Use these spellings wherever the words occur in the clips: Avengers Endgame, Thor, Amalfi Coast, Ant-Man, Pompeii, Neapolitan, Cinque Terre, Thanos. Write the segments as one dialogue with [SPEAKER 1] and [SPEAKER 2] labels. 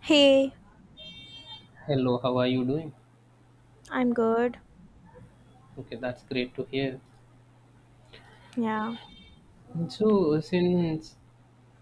[SPEAKER 1] Hey,
[SPEAKER 2] Hello, how are you doing?
[SPEAKER 1] I'm good.
[SPEAKER 2] Okay, that's great to hear.
[SPEAKER 1] Yeah.
[SPEAKER 2] So, since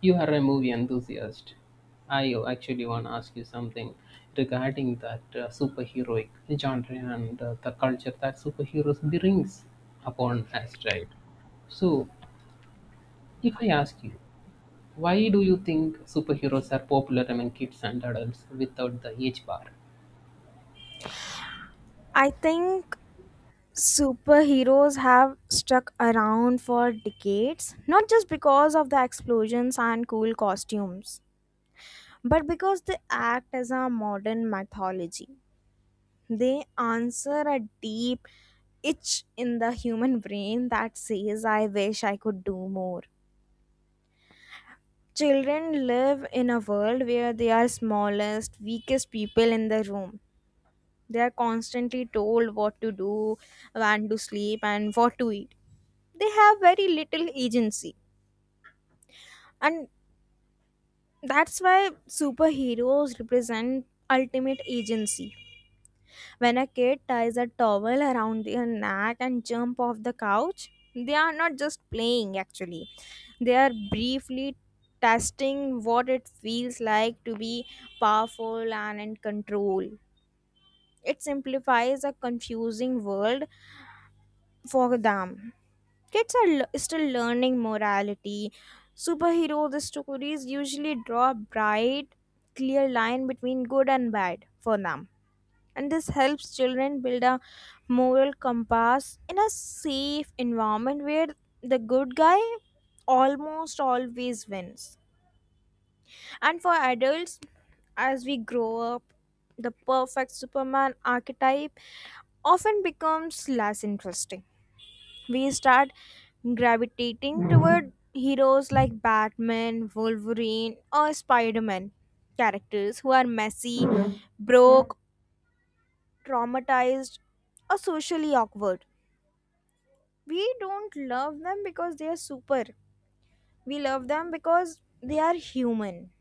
[SPEAKER 2] you are a movie enthusiast, I actually want to ask you something regarding that superheroic genre and the culture that superheroes brings upon us, right? So, if I ask you, why do you think superheroes are popular among kids and adults without the age bar?
[SPEAKER 1] I think superheroes have stuck around for decades, not just because of the explosions and cool costumes, but because they act as a modern mythology. They answer a deep itch in the human brain that says, I wish I could do more. Children live in a world where they are smallest, weakest people in the room. They are constantly told what to do, when to sleep, and what to eat. They have very little agency. And that's why superheroes represent ultimate agency. When a kid ties a towel around their neck and jump off the couch, they are not just playing actually. They are briefly testing what it feels like to be powerful and in control. It simplifies a confusing world for them. Kids are still learning morality. Superhero the stories usually draw a bright, clear line between good and bad for them. And this helps children build a moral compass in a safe environment where the good guy almost always wins. And for adults, as we grow up, the perfect Superman archetype often becomes less interesting. We start gravitating toward heroes like Batman, Wolverine, or Spider Man. Characters who are messy, broke, traumatized, or socially awkward. We don't love them because they are super. We love them because they are human.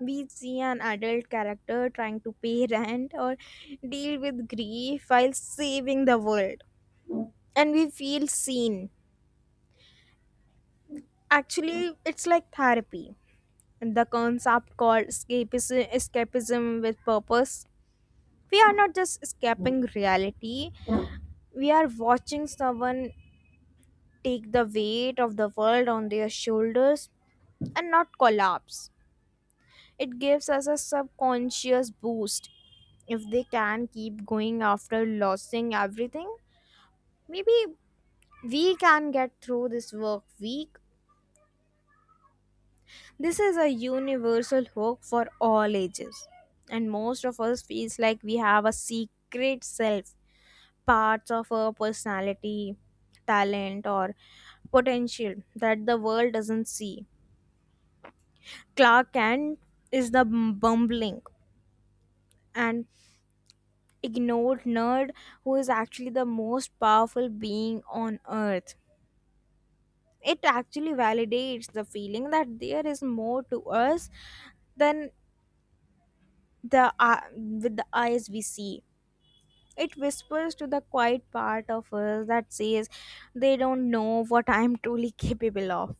[SPEAKER 1] We see an adult character trying to pay rent or deal with grief while saving the world. And we feel seen. Actually, it's like therapy, the concept called escapism, escapism with purpose. We are not just escaping reality, we are watching someone take the weight of the world on their shoulders and not collapse. It gives us a subconscious boost. If they can keep going after losing everything, maybe we can get through this work week. This is a universal hook for all ages, and most of us feels like we have a secret self, parts of our personality, talent, or potential that the world doesn't see. Clark Kent is the bumbling and ignored nerd who is actually the most powerful being on earth. It actually validates the feeling that there is more to us than the with the eyes we see. It whispers to the quiet part of us that says they don't know what I'm truly capable of.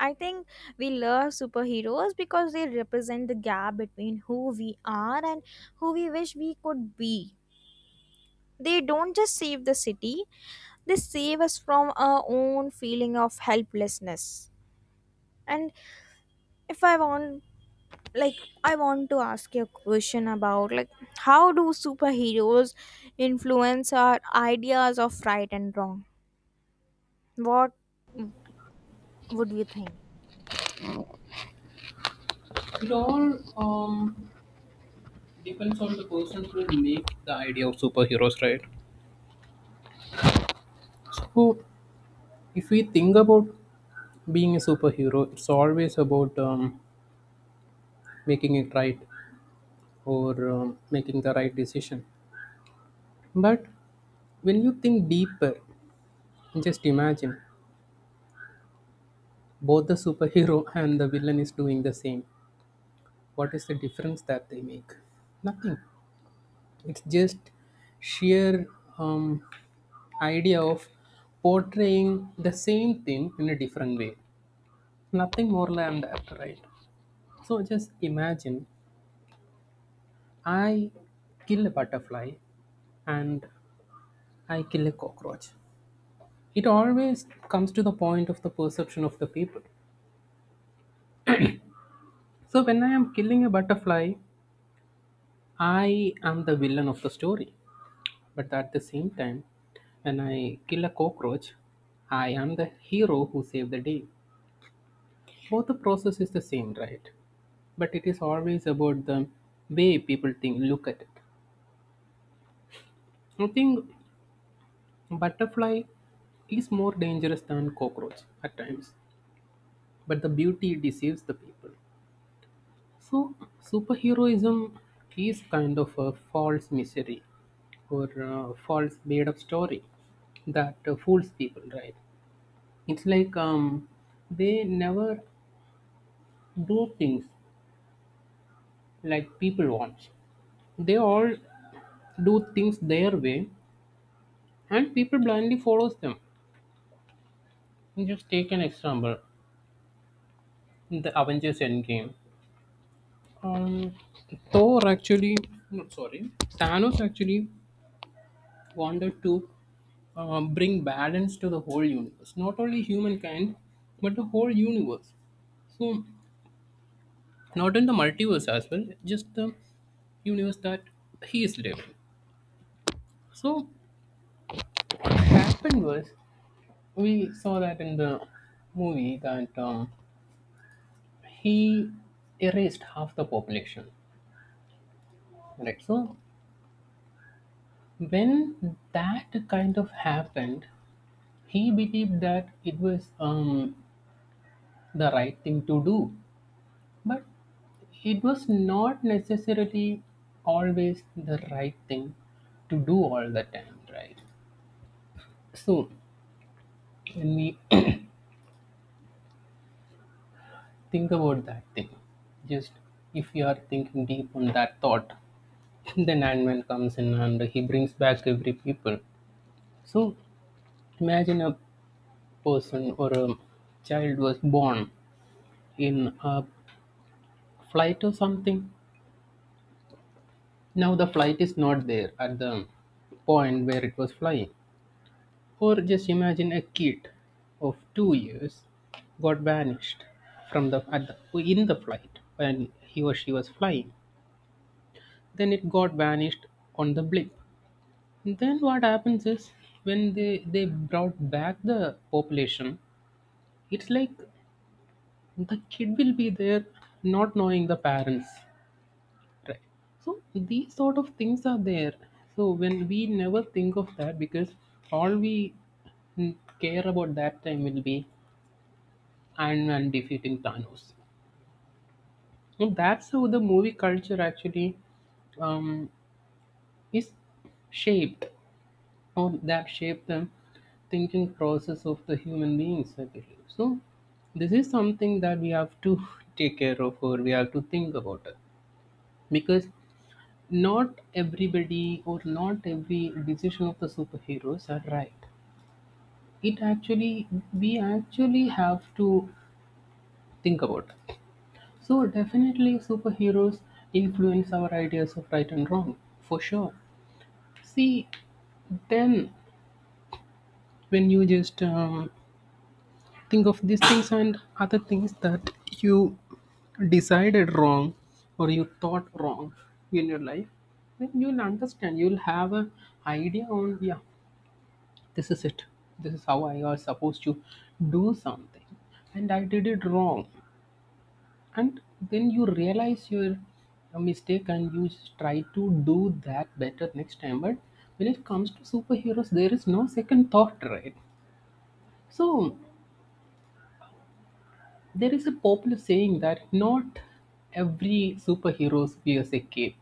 [SPEAKER 1] I think we love superheroes because they represent the gap between who we are and who we wish we could be. They don't just save the city, they save us from our own feeling of helplessness. And if I want like I want to ask you a question about like, how do superheroes influence our ideas of right and wrong? What would you think?
[SPEAKER 2] It all depends on the person who make the idea of superheroes, right? So, if we think about being a superhero, it's always about making it right or making the right decision. But when you think deeper, just imagine both the superhero and the villain is doing the same. What is the difference that they make? Nothing. It's just sheer um, idea of portraying the same thing in a different way. Nothing more than that, right? So just imagine I kill a butterfly and I kill a cockroach. It always comes to the point of the perception of the people. So when I am killing a butterfly, I am the villain of the story. But at the same time, when I kill a cockroach, I am the hero who saved the day. Both the process is the same, right? But it is always about the way people think, look at it. I think butterfly is more dangerous than cockroach at times but the beauty deceives the people. So superheroism is kind of a false misery or a false made-up story that fools people, right? It's like they never do things like people want. They all do things their way, and people blindly follows them. Just take an example: the Avengers Endgame. Um, Thor actually, no, sorry, Thanos actually wanted to bring balance to the whole universe, not only humankind, but the whole universe. So, not in the multiverse as well, just the universe that he is living. So, what happened was we saw that in the movie that he erased half the population, right? So, when that kind of happened, he believed that it was the right thing to do. But it was not necessarily always the right thing to do all the time, right? So when we think about that thing, just if you are thinking deep on that thought, then Ant-Man comes in and he brings back every people. So imagine a person or a child was born in a flight or something. Now the flight is not there at the point where it was flying. Or just imagine a kid of 2 years got vanished from the, at the in the flight when he or she was flying. Then it got vanished on the blip. Then what happens is when they brought back the population, it's like the kid will be there not knowing the parents. Right. So these sort of things are there. So when we never think of that because all we mm, care about that time will be and defeating Thanos. So that's how the movie culture actually um, is shaped, or that shaped the thinking process of the human beings, I believe. So, this is something that we have to take care of, or we have to think about it, because not everybody or not every decision of the superheroes are right. It actually, we actually have to think about. So definitely superheroes influence our ideas of right and wrong for sure. See, then when you just think of these things and other things that you decided wrong or you thought wrong in your life, then you'll understand. You'll have an idea on yeah, this is it. This is how I was supposed to do something, and I did it wrong. And then you realize your mistake and you try to do that better next time. But when it comes to superheroes there is no second thought, right? So there is a popular saying that not every superhero wears a cape.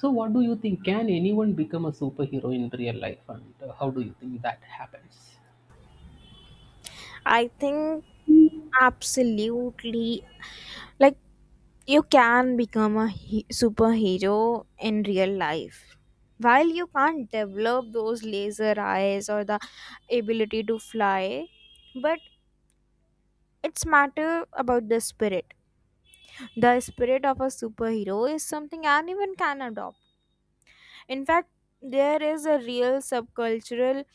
[SPEAKER 2] So what do you think, can anyone become a superhero in real life, and how do you think that happens?
[SPEAKER 1] I think absolutely. Like, you can become a superhero in real life. While you can't develop those laser eyes or the ability to fly, but it's matter about the spirit. The spirit of a superhero is something anyone can adopt. In fact, there is a real subcultural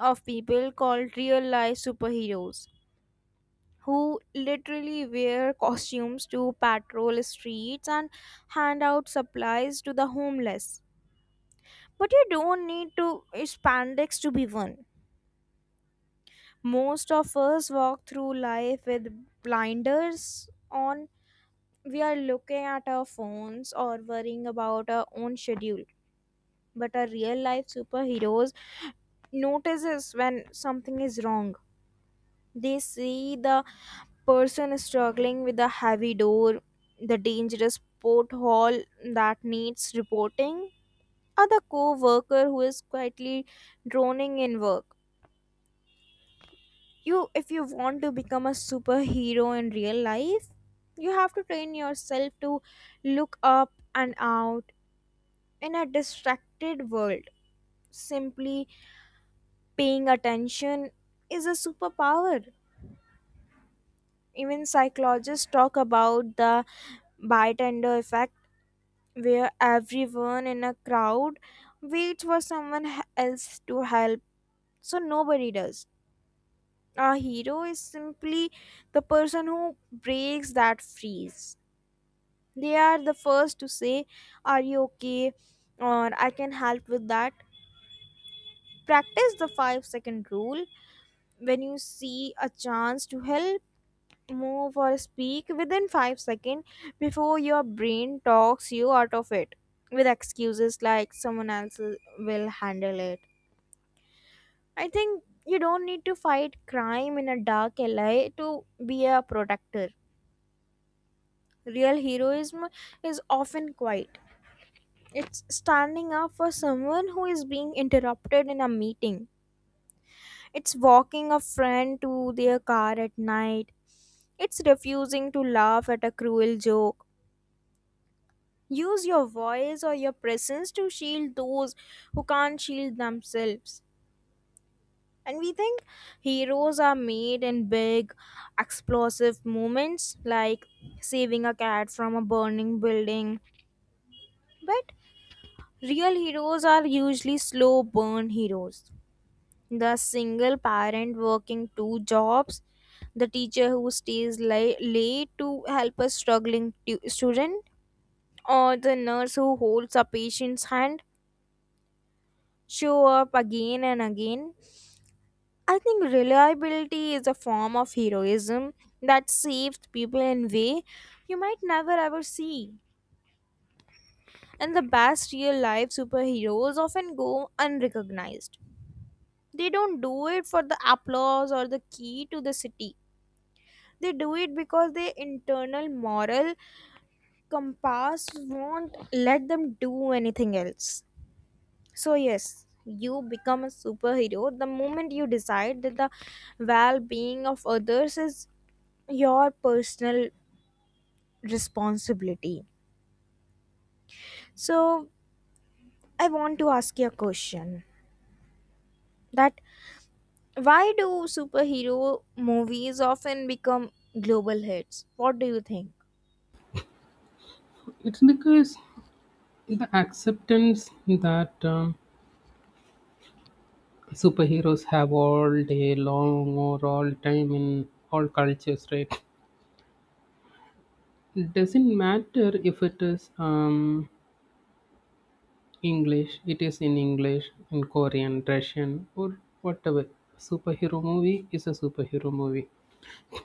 [SPEAKER 1] of people called real life superheroes who literally wear costumes to patrol streets and hand out supplies to the homeless. But you don't need to spandex to be one. Most of us walk through life with blinders on. We are looking at our phones or worrying about our own schedule. But our real life superheroes notices when something is wrong. They see the person struggling with a heavy door, the dangerous porthole that needs reporting, or the co-worker who is quietly droning in work. You If you want to become a superhero in real life, you have to train yourself to look up and out in a distracted world. Simply paying attention is a superpower. Even psychologists talk about the bystander effect where everyone in a crowd waits for someone else to help, so nobody does. A hero is simply the person who breaks that freeze. They are the first to say, are you okay? Or I can help with that. Practice the 5-second rule. When you see a chance to help, move, or speak within 5 seconds before your brain talks you out of it with excuses like someone else will handle it. I think you don't need to fight crime in a dark alley to be a protector. Real heroism is often quiet. It's standing up for someone who is being interrupted in a meeting. It's walking a friend to their car at night. It's refusing to laugh at a cruel joke. Use your voice or your presence to shield those who can't shield themselves. And we think heroes are made in big, explosive moments like saving a cat from a burning building. But real heroes are usually slow burn heroes. The single parent working two jobs, the teacher who stays late to help a struggling student, or the nurse who holds a patient's hand show up again and again. I think reliability is a form of heroism that saves people in way you might never ever see. And the best real life superheroes often go unrecognized. They don't do it for the applause or the key to the city. They do it because their internal moral compass won't let them do anything else. So yes, you become a superhero the moment you decide that the well-being of others is your personal responsibility. So, I want to ask you a question that why do superhero movies often become global hits? What do you think?
[SPEAKER 2] It's because the acceptance that superheroes have all day long or all time in all cultures, right? It doesn't matter if it is in English, in Korean, Russian, or whatever. Superhero movie is a superhero movie.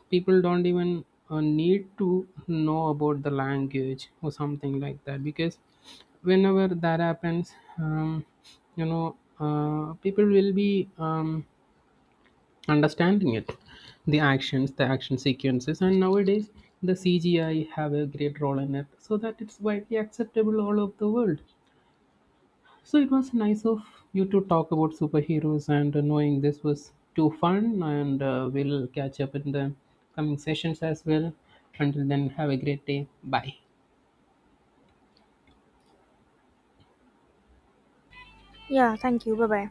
[SPEAKER 2] People don't even need to know about the language or something like that because whenever that happens, people will be. Understanding it, the action sequences, and nowadays the CGI have a great role in it, so that it's widely acceptable all over the world. So it was nice of you to talk about superheroes, and knowing this was too fun, and we'll catch up in the coming sessions as well. Until then, have a great day. Bye.
[SPEAKER 1] Yeah, thank you. Bye bye.